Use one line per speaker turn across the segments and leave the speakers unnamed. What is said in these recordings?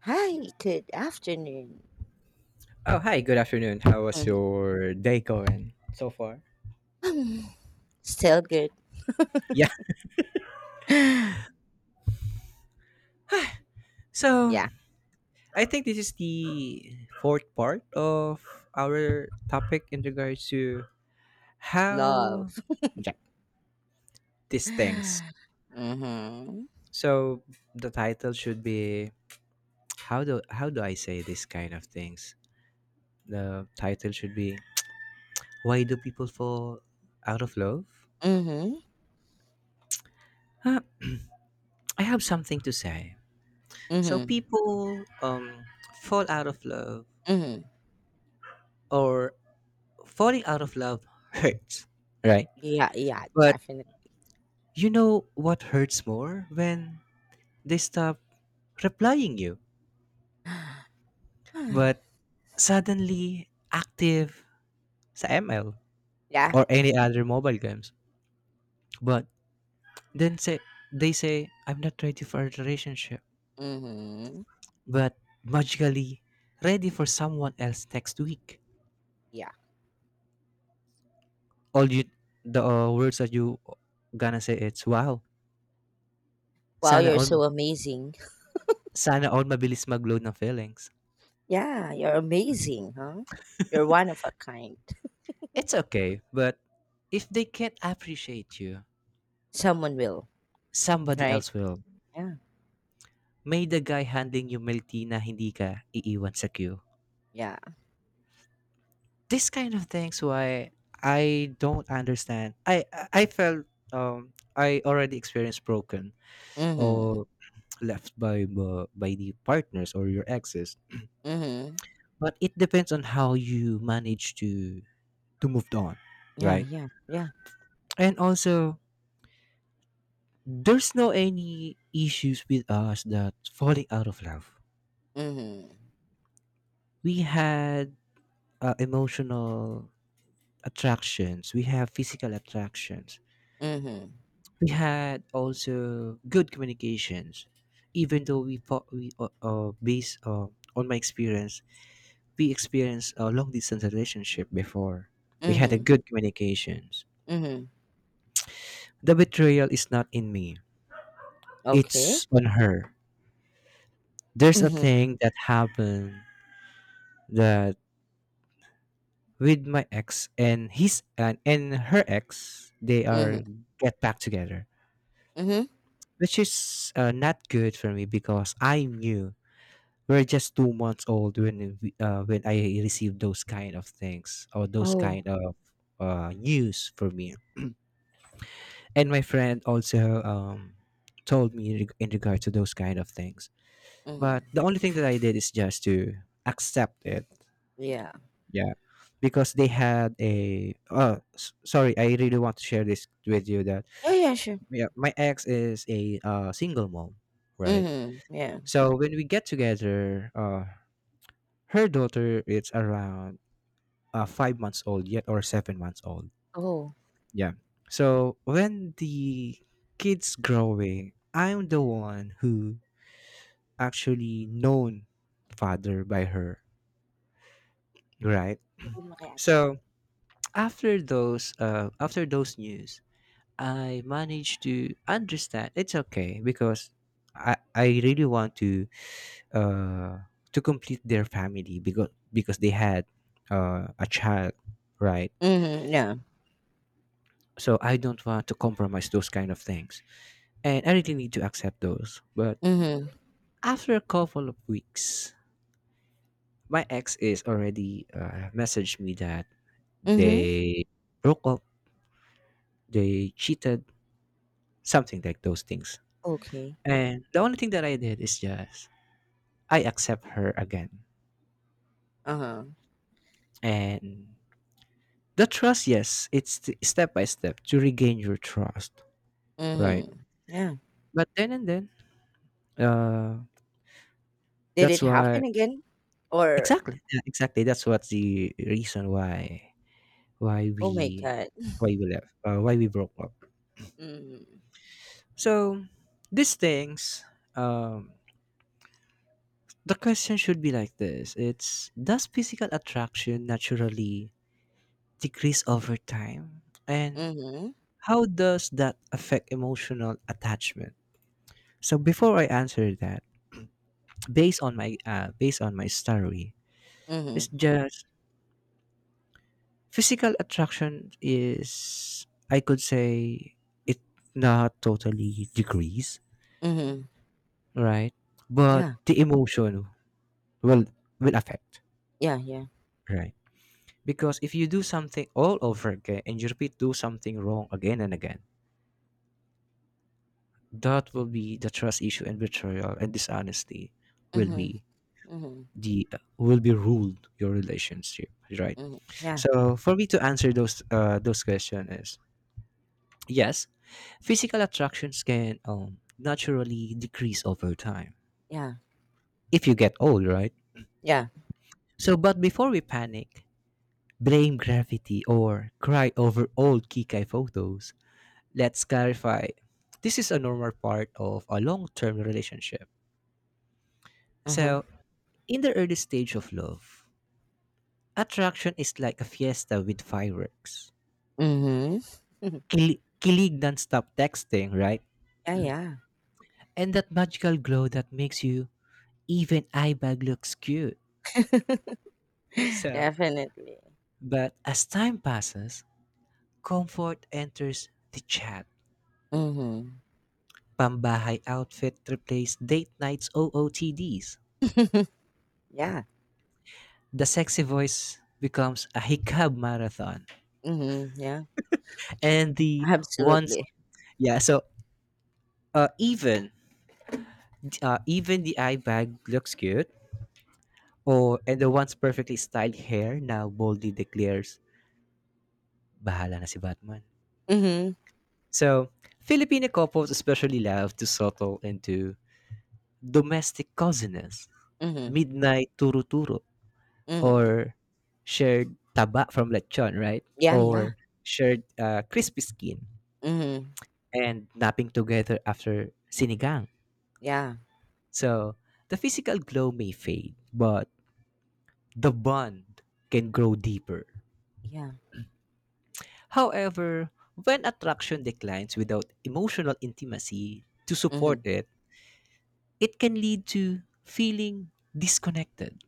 Hi, good afternoon.
Oh, hi, good afternoon. How was
Mhm.
your day going so far?
Mm, still good.
Yeah. So,
Yeah,
I think this is the fourth part of our topic in regards to
love.
how yeah, these things.
Mm-hmm.
So, the title should be how do I say this kind of things? The title should be why do people fall out of love?
Mm-hmm.
Uh, I have something to say. So
Mm-hmm.
people fall out of love
Mm-hmm.
or falling out of love hurts, right?
Yeah, yeah,
But
definitely.
you know what hurts more when they stop replying you, but suddenly active sa ML
Yeah.
or any other mobile games. But then say they say I'm not ready for a relationship,
Mm-hmm.
but magically ready for someone else next week.
Yeah.
All you the words that you gonna say it's wow.
Wow,
Sana
you're
all
so amazing.
sana all mabilis mag-load ng feelings.
Yeah, you're amazing, huh? You're one of a kind.
It's okay, but if they can't appreciate you,
Someone will,
somebody
right?
else will.
Yeah.
May the guy handling you milk tea na hindi ka iiwan sa queue.
Yeah.
This kind of things why I don't understand. I felt I already experienced broken
Mm-hmm.
or left by by the partners or your exes.
Mm-hmm.
But it depends on how you manage to move on,
Yeah,
right?
yeah, yeah.
And also, there's no any issues with us that falling out of love
Mm-hmm.
we had emotional attractions we have physical attractions
Mm-hmm.
we had also good communications even though we thought we based on my experience we experienced a long distance relationship before we had a
Mm-hmm.
good communications
Mm-hmm.
the betrayal is not in me
Okay.
it's on her there's a
Mhm,
thing that happened that with my ex and his and her ex they are
mhm,
get back together
mhm.
which is not good for me because I'm new. We're just 2 months old when when I received those kind of things or those
Oh.
kind of news for me. And my friend also told me in regard to those kind of things. But
Mhm,
the only thing that I did is just to accept it.
yeah.
Yeah, because they had a. Sorry, I really want to share this with you. That
Yeah, yeah, sure.
yeah, my ex is a single mom, right?
Mhm, yeah.
So when we get together, her daughter is around 5 months old yet or 7 months old.
Oh.
Yeah. So when the kids growing, I'm the one who actually known father by her, right?
Sabihin mo kay ate.
So after those news, I managed to understand it's okay because I really want uh, to complete their family because they had a child, right?
Mhm, yeah.
So I don't want to compromise those kind of things, and I really need to accept those. But
Mhm,
after a couple of weeks, my ex is already messaged me that
mhm.
they broke up, they cheated, something like those things.
Okay.
And the only thing that I did is just I accept her again,
Uh-huh.
and the trust, yes, it's step by step to regain your trust, right?
Mhm, yeah.
But then and then, uh,
Did
that's
it
why
happen again? Or
exactly, yeah, exactly. That's what's the reason why why
oh my
we
god.
why we left, why we broke up.
Mhm,
So these things, um, the question should be like this: It's does physical attraction naturally decrease over time, and
mhm,
how does that affect emotional attachment? So before I answer that, based on my story, it's
mhm,
just physical attraction is, I could say, it not totally decrease,
mhm.
right? But
Yeah,
the emotion will will affect,
yeah, yeah.
right? Because if you do something all over again and you repeat do something wrong again and again, that will be the trust issue and betrayal and dishonesty will
Mhm,
be
mhm,
the will be ruled your relationship, right?
mhm. Yeah,
So for me to answer those question is yes, physical attractions can naturally decrease over time
yeah,
if you get old, right?
yeah.
So, but before we panic, blame gravity, or cry over old Kikai photos, let's clarify this is a normal part of a long term relationship.
Mhm,
So, in the early stage of love, attraction is like a fiesta with fireworks.
mhm.
Kilig non stop texting, right?
Yeah, yeah.
And that magical glow that makes you even eye bag looks cute. So,
Definitely.
But as time passes, comfort enters the chat.
Mhm,
Pambahay outfit replaced date night's OOTDs.
yeah.
The sexy voice becomes a hiccup marathon.
Mhm, yeah,
And the once
absolutely.
yeah, so even even the eye bag looks cute or and the once perfectly styled hair now boldly declares bahala na si Batman.
Mhm,
So, Filipino couples especially love to settle into domestic coziness
mhm,
midnight turo-turo
mhm.
or shared taba from lechon, right?
Yeah, yeah.
Or shared crispy skin
Mhm.
and napping together after sinigang.
Yeah,
So the physical glow may fade, but the bond can grow deeper.
yeah.
However, when attraction declines without emotional intimacy to support
Mhm,
it, it can lead to feeling disconnected,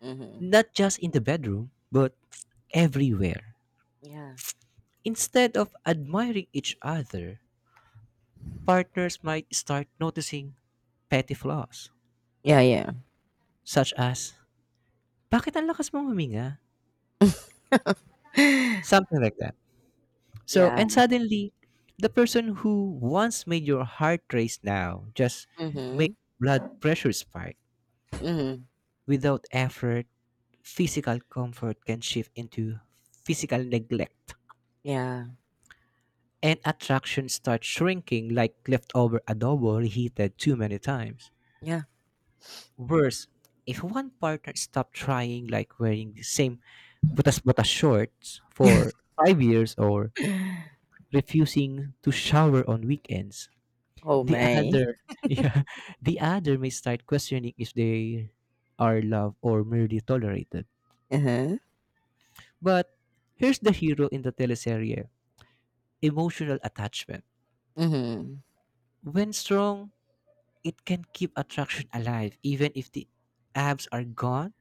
mhm.
not just in the bedroom, but everywhere.
Yeah.
Instead of admiring each other, partners might start noticing petty flaws,
Yeah, yeah.
such as, bakit ang lakas mong huminga? Something like that. So,
Yeah.
and suddenly, the person who once made your heart race now just made
Mhm,
blood pressure spike.
mhm.
Without effort, physical comfort can shift into physical neglect.
Yeah,
And attraction starts shrinking like leftover adobo reheated too many times.
yeah.
Worse, if one partner stopped trying, like wearing the same butas-butas shorts for 5 years or refusing to shower on weekends,
Oh,
the
man.
other, yeah, the other may start questioning if they are loved or merely tolerated.
Uh-huh.
But here's the hero in the teleserye, emotional attachment.
Mhm,
When strong, it can keep attraction alive even if the abs are gone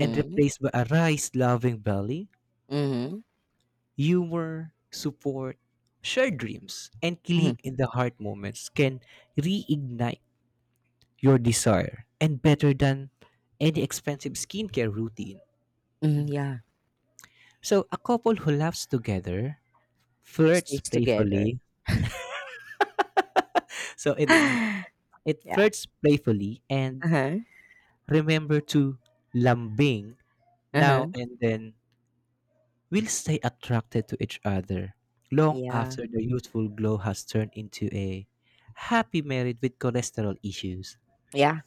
and replaced by a rice-loving belly.
mhm,
Humor, support, shared dreams, and
mhm,
kilig in the heart moments can reignite your desire and better than any expensive skincare routine.
mhm, yeah.
So a couple who laughs together, flirts
Stays together.
playfully, so it
Yeah.
flirts playfully and
Uh-huh,
remember to lambing
uh-huh.
now and then will stay attracted to each other long
Yeah,
after the youthful glow has turned into a happy married with cholesterol issues.
yeah.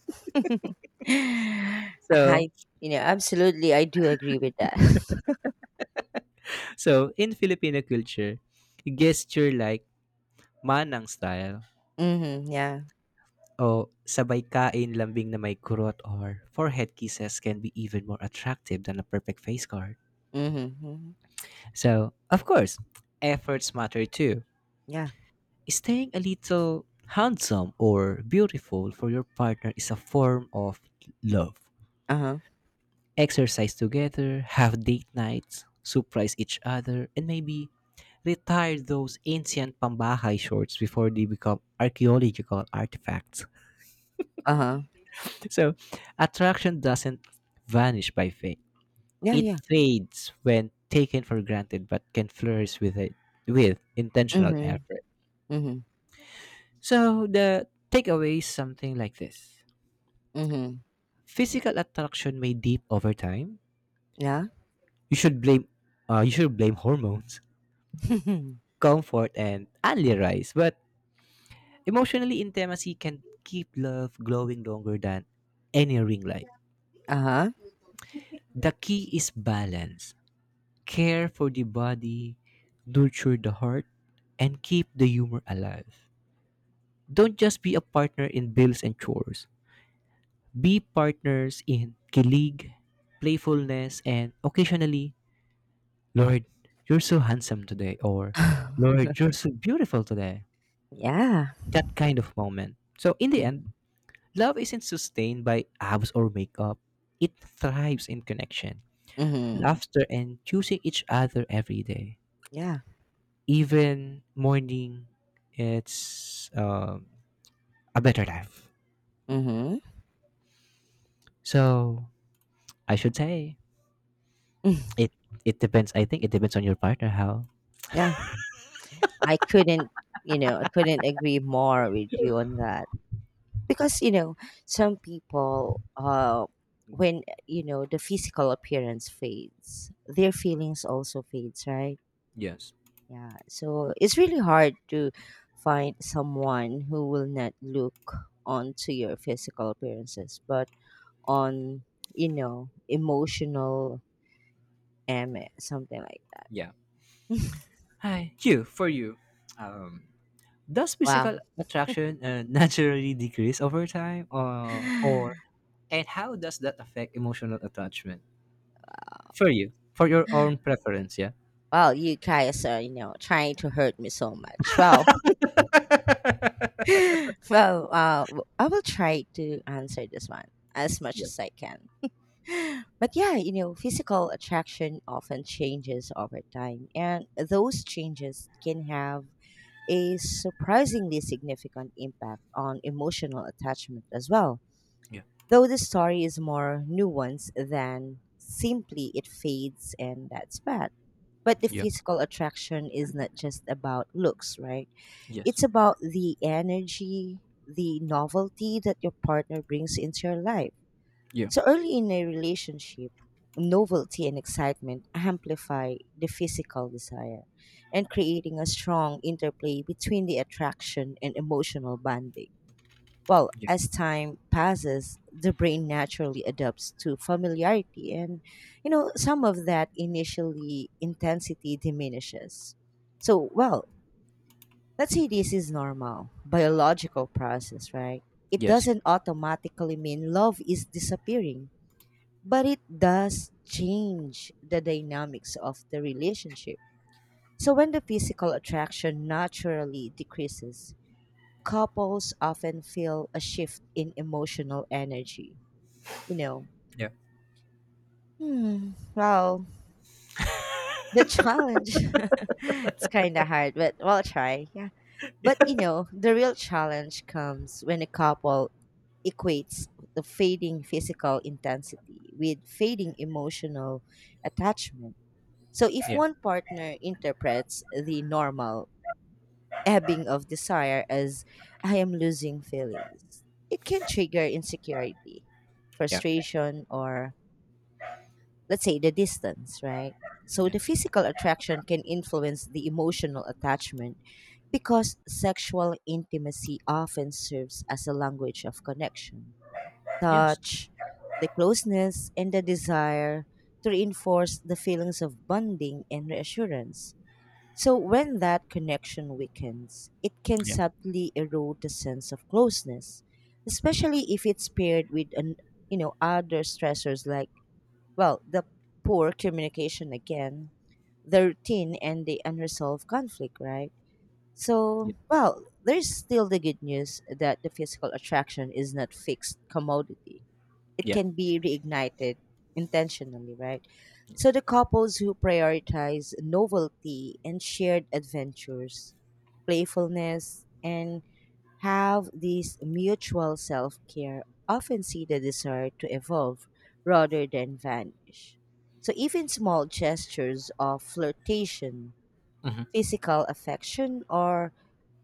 So,
I absolutely, I do agree with that.
so in Filipino culture, gesture like manang style
Mhm, yeah.
o sabay kain lambing na may kurot or forehead kisses can be even more attractive than a perfect face card.
Mhm, mhm.
So, of course, efforts matter too.
Yeah.
Staying a little handsome or beautiful for your partner is a form of love.
Uh-huh.
Exercise together, have date nights, surprise each other, and maybe retire those ancient pambahay shorts before they become archaeological artifacts.
Uh-huh.
So, attraction doesn't vanish by fate.
Yeah,
It
yeah.
fades when taken for granted but can flourish with intentional
Mhm,
effort.
mhm,
So, the takeaway is something like this.
mhm.
Physical attraction may deep over time.
Yeah.
You should blame you should blame hormones comfort, and only rise. But emotionally, intimacy can keep love glowing longer than any ring light.
Uh-huh.
The key is balance. Care for the body, nurture the heart, and keep the humor alive. Don't just be a partner in bills and chores. Be partners in kilig, playfulness, and occasionally, Lord, you're so handsome today, or Lord, you're so beautiful today.
Yeah.
That kind of moment. So, in the end,
Mhm,
love isn't sustained by abs or makeup. It thrives in connection,
mhm.
laughter, and choosing each other every day.
Yeah.
Even morning, it's a better life.
Mhm.
So I should say it. It depends. I think it depends on your partner how.
Yeah. I couldn't, I couldn't agree more with you on that. Because, some people, when, the physical appearance fades, their feelings also fades, right?
Yes.
Yeah, so it's really hard to find someone who will not look onto your physical appearances, but on, emotional and something like
Yeah.
that.
Hi. You for you. Um. Does physical
Wow.
attraction naturally decrease over time, or and how does that affect emotional attachment? For you, for your own preference. Yeah.
Well, you guys are, trying to hurt me so much. Well, I will try to answer this one as much as I can. But yeah, physical attraction often changes over time, and those changes can have a surprisingly significant impact on emotional attachment as well.
Yeah.
Though the story is more nuanced than simply it fades and that's bad. But the
Yeah.
physical attraction is not just about looks, right?
Yeah. Yes.
It's about the energy, the novelty that your partner brings into your life
Yeah.
so early in a relationship, novelty and excitement amplify the physical desire and creating a strong interplay between the attraction and emotional bonding. Well,
Yeah.
as time passes, the brain naturally adapts to familiarity and some of that initially intensity diminishes. So, well, let's say this is normal biological process, right? It
Yes.
doesn't automatically mean love is disappearing but it does change the dynamics of the relationship. So when the physical attraction naturally decreases, couples often feel a shift in emotional energy. You know,
Yeah.
hmm, well, the challenge, it's kind of hard, but we'll try. Yeah. But, the real challenge comes when a couple equates the fading physical intensity with fading emotional attachment. So if
Yeah.
one partner interprets the normal ebbing of desire as I am losing feelings, it can trigger insecurity,
Yeah.
frustration, or let's say the distance, right? So the
Yes.
physical attraction can influence the emotional attachment because sexual intimacy often serves as a language of connection,
Yes.
touch, the closeness, and the desire to reinforce the feelings of bonding and reassurance. So when that connection weakens, it can
Yeah.
subtly erode the sense of closeness, especially if it's paired with an, other stressors like well the poor communication again, the routine and the unresolved conflict, right?
Yeah.
So well, there's still the good news that the physical attraction is not fixed commodity, it
Yeah.
can be reignited intentionally, right? So
Yes.
the couples who prioritize novelty and shared adventures, playfulness, and have this mutual self care often see the desire to evolve rather than vanish. So even small gestures of flirtation,
Mm-hmm.
physical affection or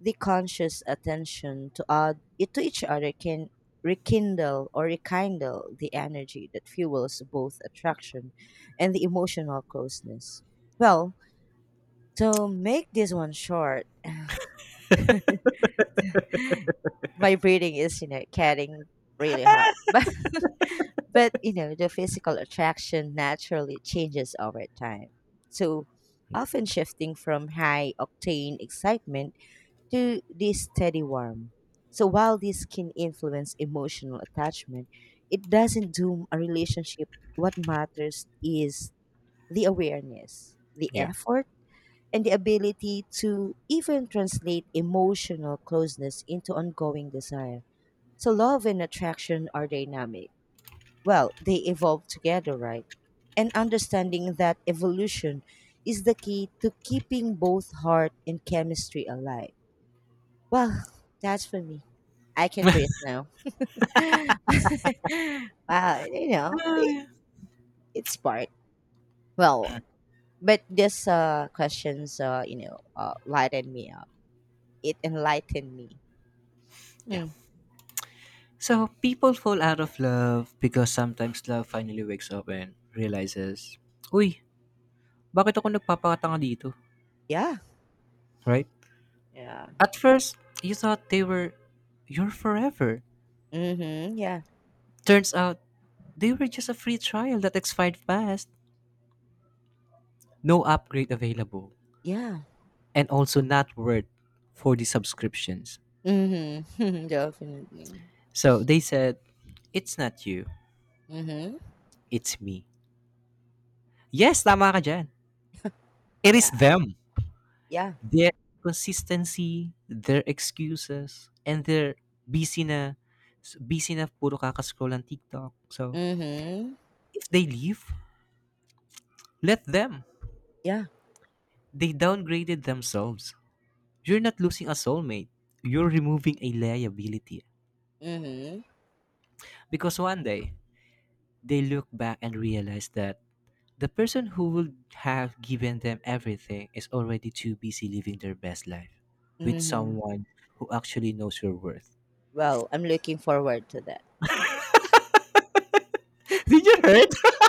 the conscious attention to odd to each other can rekindle or rekindle the energy that fuels both attraction and the emotional closeness. Well, to make this one short, my breathing is getting really hard, but the physical attraction naturally changes over time, so often shifting from high octane excitement to this steady warmth. So while this can influence emotional attachment, it doesn't doom a relationship. What matters is the awareness, the
Yeah.
effort, and the ability to even translate emotional closeness into ongoing desire. So love and attraction are dynamic. Well, they evolve together, right? And understanding that evolution is the key to keeping both heart and chemistry alive. Well, that's for me. I can breathe now. Wow, you know,
Ah,
it,
yeah.
it's part. Well, but this questions lightened me up. It enlightened me.
Yeah.
Mm,
So people fall out of love because sometimes love finally wakes up and realizes, Uy, bakit ako nagpapakatanga dito?
yeah.
Right?
Yeah.
At first, you thought they were your forever.
Mhm. Yeah.
Turns out, they were just a free trial that expired fast. No upgrade available
Yeah.
and also not worth for the subscriptions.
Mhm. Definitely.
So they said, it's not you,
Mhm.
it's me. Yes, tama ka dyan. It is
Yeah.
them.
Yeah.
Their consistency, their excuses, and their busy na puro kakascroll ng TikTok. So,
Mhm.
if they leave, let them.
Yeah.
They downgraded themselves. You're not losing a soulmate. You're removing a liability.
Mhm.
Because one day, they look back and realize that the person who would have given them everything is already too busy living their best life with
Mhm.
someone who actually knows your worth.
Well, I'm looking forward to that.
Did you heard?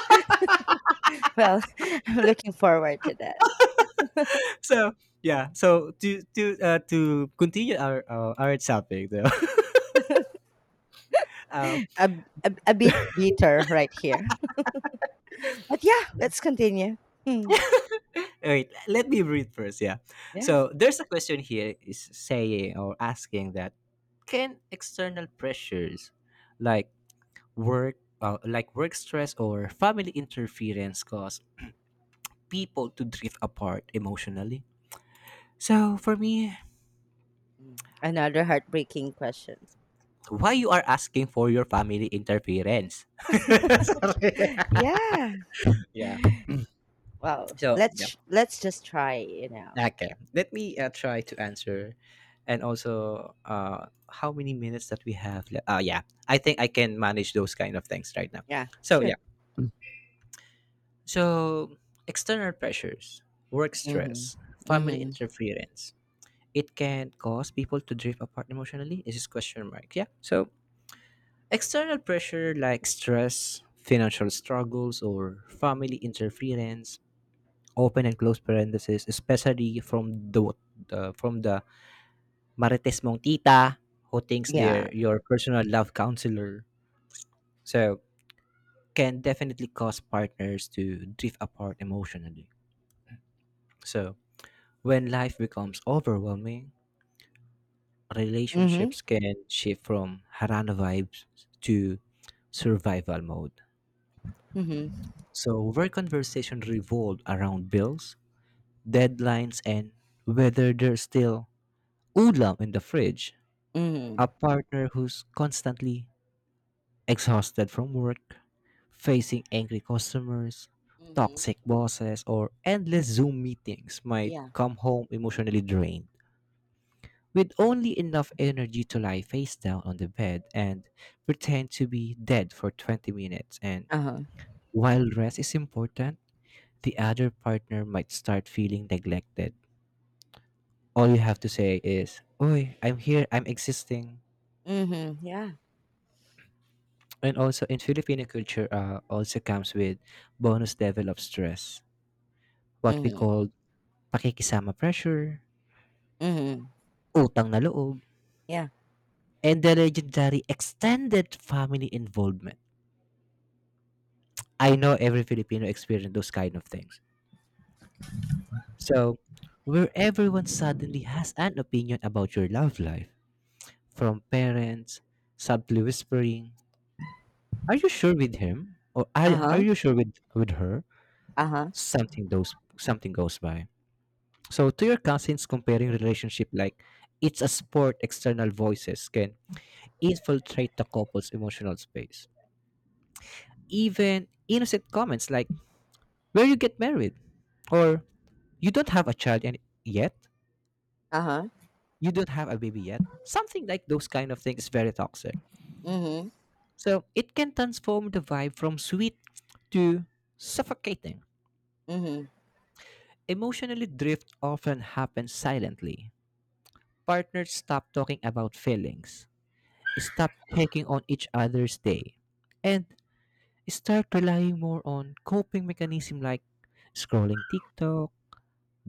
Well, I'm looking forward to that.
So yeah. So to continue our topic though. um,
a, a bit bitter right here. But yeah, let's continue. Hmm.
wait, let me read first. Yeah.
Yes.
So there's a question here is saying or asking that can external pressures like work stress or family interference, cause people to drift apart emotionally. So for me,
Mm. Another heartbreaking question.
why you are asking for your family interference? Sorry.
Yeah.
yeah.
Well,
So yeah.
let's just try, you know.
Okay. Let me try to answer, and also how many minutes that we have. Left? Yeah. I think I can manage those kind of things right now.
Yeah,
So
sure.
yeah. So, external pressures, work
Mhm.
stress, family
Mhm.
interference, it can cause people to drift apart emotionally. Is this question mark? Yeah. So, external pressure like stress, financial struggles, or family interference, open and close parentheses, especially from the marites mong tita who thinks
Yeah.
they're your personal love counselor. So can definitely cause partners to drift apart emotionally. So when life becomes overwhelming,
Mhm.
relationships can shift from harana vibes to survival mode.
Mhm.
So, where conversation revolved around bills, deadlines, and whether there's still ulam in the fridge, a
Mhm.
partner who's constantly exhausted from work, facing angry customers,
Mhm.
toxic bosses, or endless Zoom meetings might
Yeah.
come home emotionally drained, with only enough energy to lie face down on the bed and pretend to be dead for 20 minutes. And
Uh-huh.
while rest is important, the other partner might start feeling neglected. All you have to say is, "Oy, I'm here, I'm existing."
Mhm. Yeah.
And also in Filipino culture also comes with bonus level of stress. What we
Mhm.
call pakikisama pressure,
Mhm.
utang na loob,
Yeah.
and the legendary extended family involvement. I know every Filipino experience those kind of things. So, where everyone suddenly has an opinion about your love life, from parents, subtly whispering, "Are you sure with him, or are
Uh-huh.
you sure with her?
Uh-huh.
Something those something goes by. So to your cousins, comparing relationship like it's a sport. External voices can infiltrate the couple's emotional space. Even innocent comments like "Where you get married," or "You don't have a child and yet,"
Uh-huh.
"You don't have a baby yet." Something like those kind of things is very toxic.
Mhm.
So it can transform the vibe from sweet to suffocating.
Mhm.
Emotionally drift often happens silently. Partners stop talking about feelings, stop checking on each other's day, and start relying more on coping mechanism like scrolling TikTok,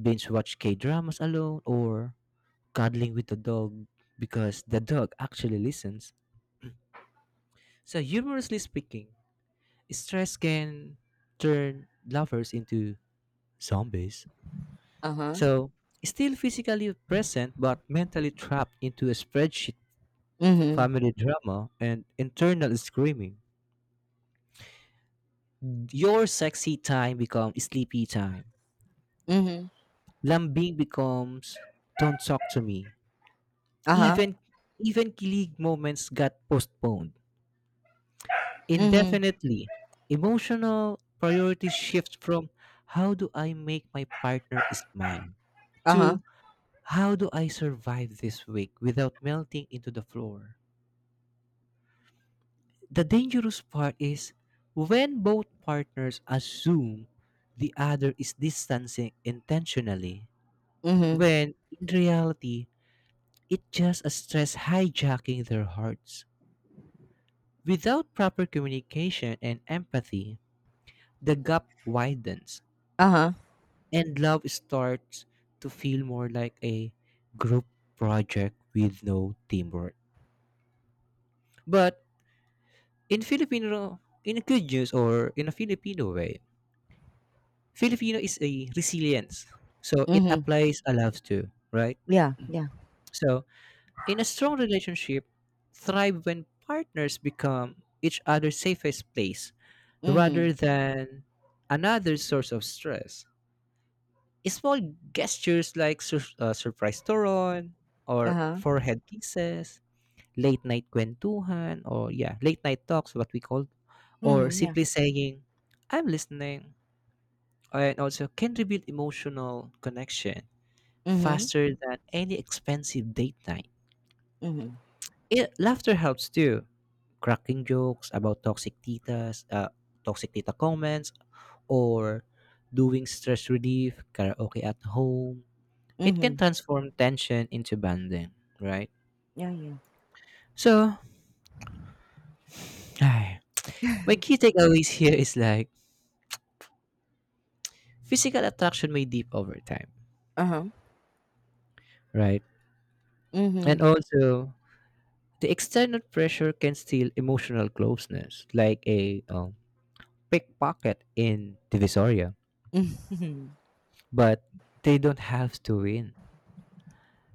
binge watch K-dramas alone, or cuddling with the dog because the dog actually listens. So humorously speaking, stress can turn lovers into zombies.
Uh-huh.
So, still physically present but mentally trapped into a spreadsheet,
Mhm.
family drama, and internal screaming. Your sexy time becomes sleepy time.
Mhm.
Lambing becomes don't talk to me.
Uh-huh.
Even even kilig moments got postponed
Mhm.
indefinitely. Emotional priorities shift from how do I make my partner is mine
Uh-huh.
to how do I survive this week without melting into the floor. The dangerous part is when both partners assume the other is distancing intentionally,
Mhm.
when in reality, it's just a stress hijacking their hearts. Without proper communication and empathy, the gap widens
Uh-huh.
and love starts to feel more like a group project with no teamwork. But in Filipino, in a good news or in a Filipino way, Filipino is a resilience. So it
Mhm.
applies a lot too, right?
Yeah, yeah.
So in a strong relationship, thrive when partners become each other's safest place rather
Mhm.
than another source of stress. Small gestures like surprise turon or
Uh-huh.
forehead kisses, late night kwentuhan, or yeah, late night talks, what we call, or
Mhm, yeah.
simply saying, I'm listening, and also can rebuild emotional connection
Mhm.
faster than any expensive date night.
Mhm.
It, laughter helps too. Cracking jokes about toxic tita comments, or doing stress relief, karaoke at home. It can
Mhm.
transform tension into bonding, right?
Yeah, yeah.
So, ay, my key takeaways here is like physical attraction may deep over time,
Uh-huh.
right? And
Mhm.
also, the external pressure can steal emotional closeness, like a pickpocket in Divisoria,
Mhm.
but they don't have to win.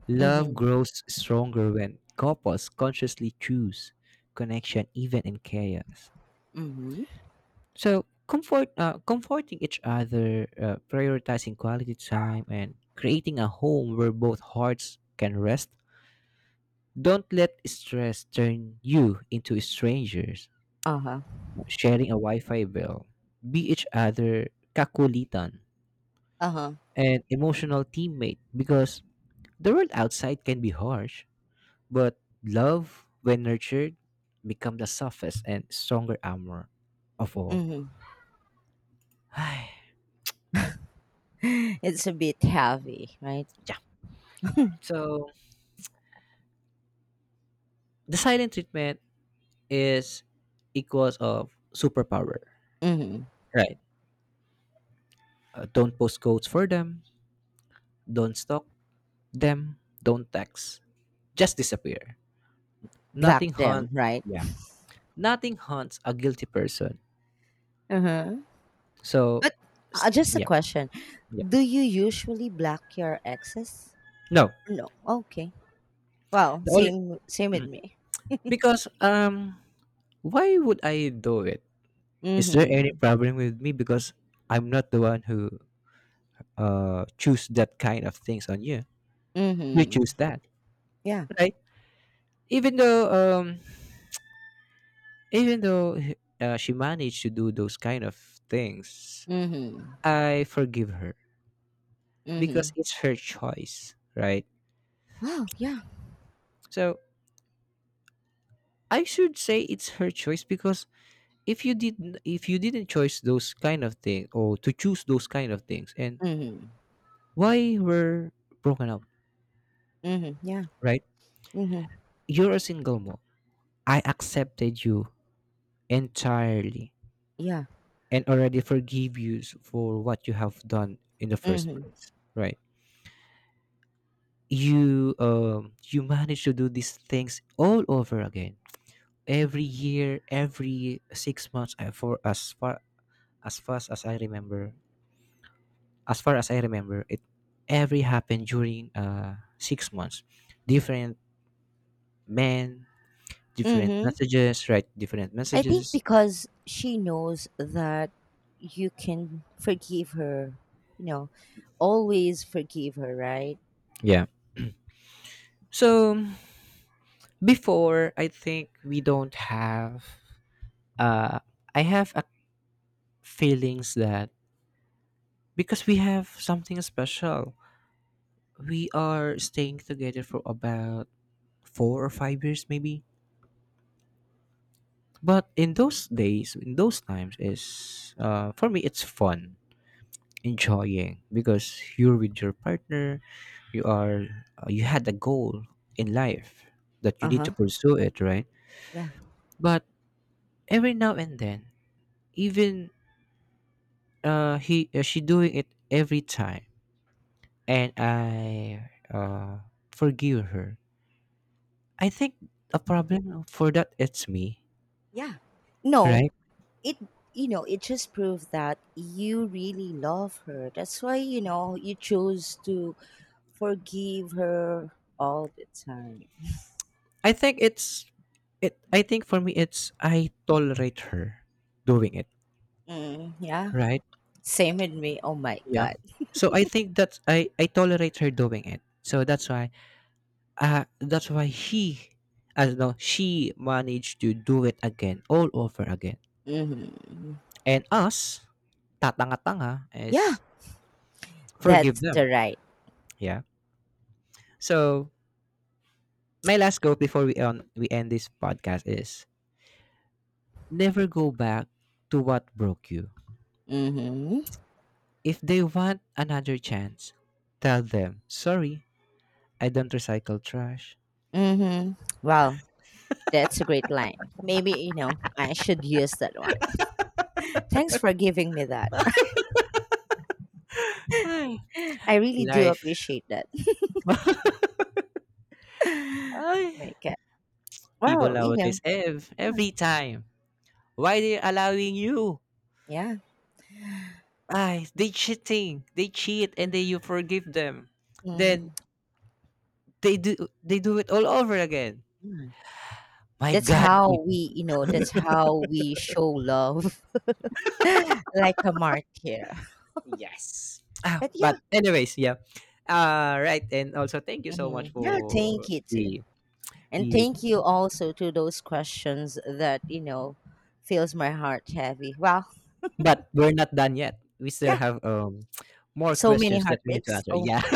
Love
Mhm.
grows stronger when couples consciously choose connection even in chaos.
Mhm.
So, comforting each other, prioritizing quality time, and creating a home where both hearts can rest. Don't let stress turn you into strangers.
Uh-huh.
Sharing a Wi Fi bill. Be each other kakulitan
Uh-huh.
and emotional teammate because the world outside can be harsh, but love, when nurtured, becomes the softest and stronger armor of all.
Mhm.
yeah.
It's a bit heavy, right?
So the silent treatment is equals of superpower.
Mhm.
Right. Don't post codes for them. Don't stalk them. Don't text. Just disappear.
Black
Nothing
them,
hunt.
right?
Yeah. Nothing hunts a guilty person.
Uh-huh.
So,
But just a
yeah,
question.
yeah.
Do you usually black your exes?
No,
No. Okay. Well,
the only
same with me.
because why would I do it? Is there any
Mhm.
problem with me because I'm not the one who choose that kind of things on you? You
Mhm.
choose that,
Yeah.
right? Even though um even though she managed to do those kind of things,
Mhm.
I forgive her because
Mhm.
it's her choice, right?
Wow, yeah.
So I should say it's her choice because if you didn't choose those kind of things or to choose those kind of things and
Mhm.
why were broken up,
Mhm. Yeah.
right?
Mhm.
You're a single mom. I accepted you entirely
Yeah.
and already forgive you for what you have done in the first
Mhm.
place, right? You manage to do these things all over again every year, every 6 months. I for as far as fast as I remember, as far as I remember, it every happened during 6 months, different men, different
Mhm.
messages, right? Different
I think
messages.
because she knows that you can forgive her, you know, always forgive her, right?
Yeah. So before, I think we don't have. Uh, I have a feelings that because we have something special, we are staying together for about 4 or 5 years, maybe. But in those days, in those times, is for me it's fun, enjoying because you're with your partner, you are you had a goal in life that you need to
Uh-huh.
pursue it, right?
Yeah.
But every now and then, even he she doing it every time, and I forgive her. I think a problem for that it's me,
Yeah. No,
right?
it you know, it just proves that you really love her. That's why, you know, you chose to forgive her all the time.
I think it's it. I think for me it's I tolerate her doing it,
Mm, yeah.
right?
Same with me. Oh my
Yeah.
god.
So I think that I tolerate her doing it. So that's why he as no she managed to do it again all over again,
Mhm.
and us tatanga-tanga
Yeah,
is forgive
that's
them.
the right.
Yeah. So my last quote before we end this podcast is never go back to what broke you.
Mm-hmm.
If they want another chance, tell them sorry, I don't recycle trash.
Mm-hmm. Wow, that's a great line. Maybe, you know, I should use that one. Thanks for giving me that.
Ay,
I really do
life.
appreciate that.
Ay,
My God.
people
Well, you know,
nowadays ev
yeah.
every time. Why they allowing you?
Yeah.
Ay, they cheating. They cheat and then you forgive them. Then
Mm,
they do they do it all over again.
yeah.
My
That's
God,
how
people.
we, you know, that's how we show love like a martyr.
Yes. Ah,
But yeah,
but anyways, yeah. Right, and also thank you so much
yeah,
for
thank you too.
the
And
the.
thank you also to those questions that, you know, fills my heart heavy. Well,
But we're not done yet. We still
yeah.
have more
So many
questions that we need to
heartbreaks.
answer.
Oh,
Yeah.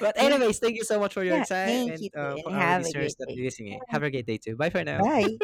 but
yeah,
anyways, thank you so much for your
yeah.
time
Thank
and
you too,
for
and
our
have a
listeners
great
that are
day.
listening. Have
Mm,
a great day too. Bye for now.
bye.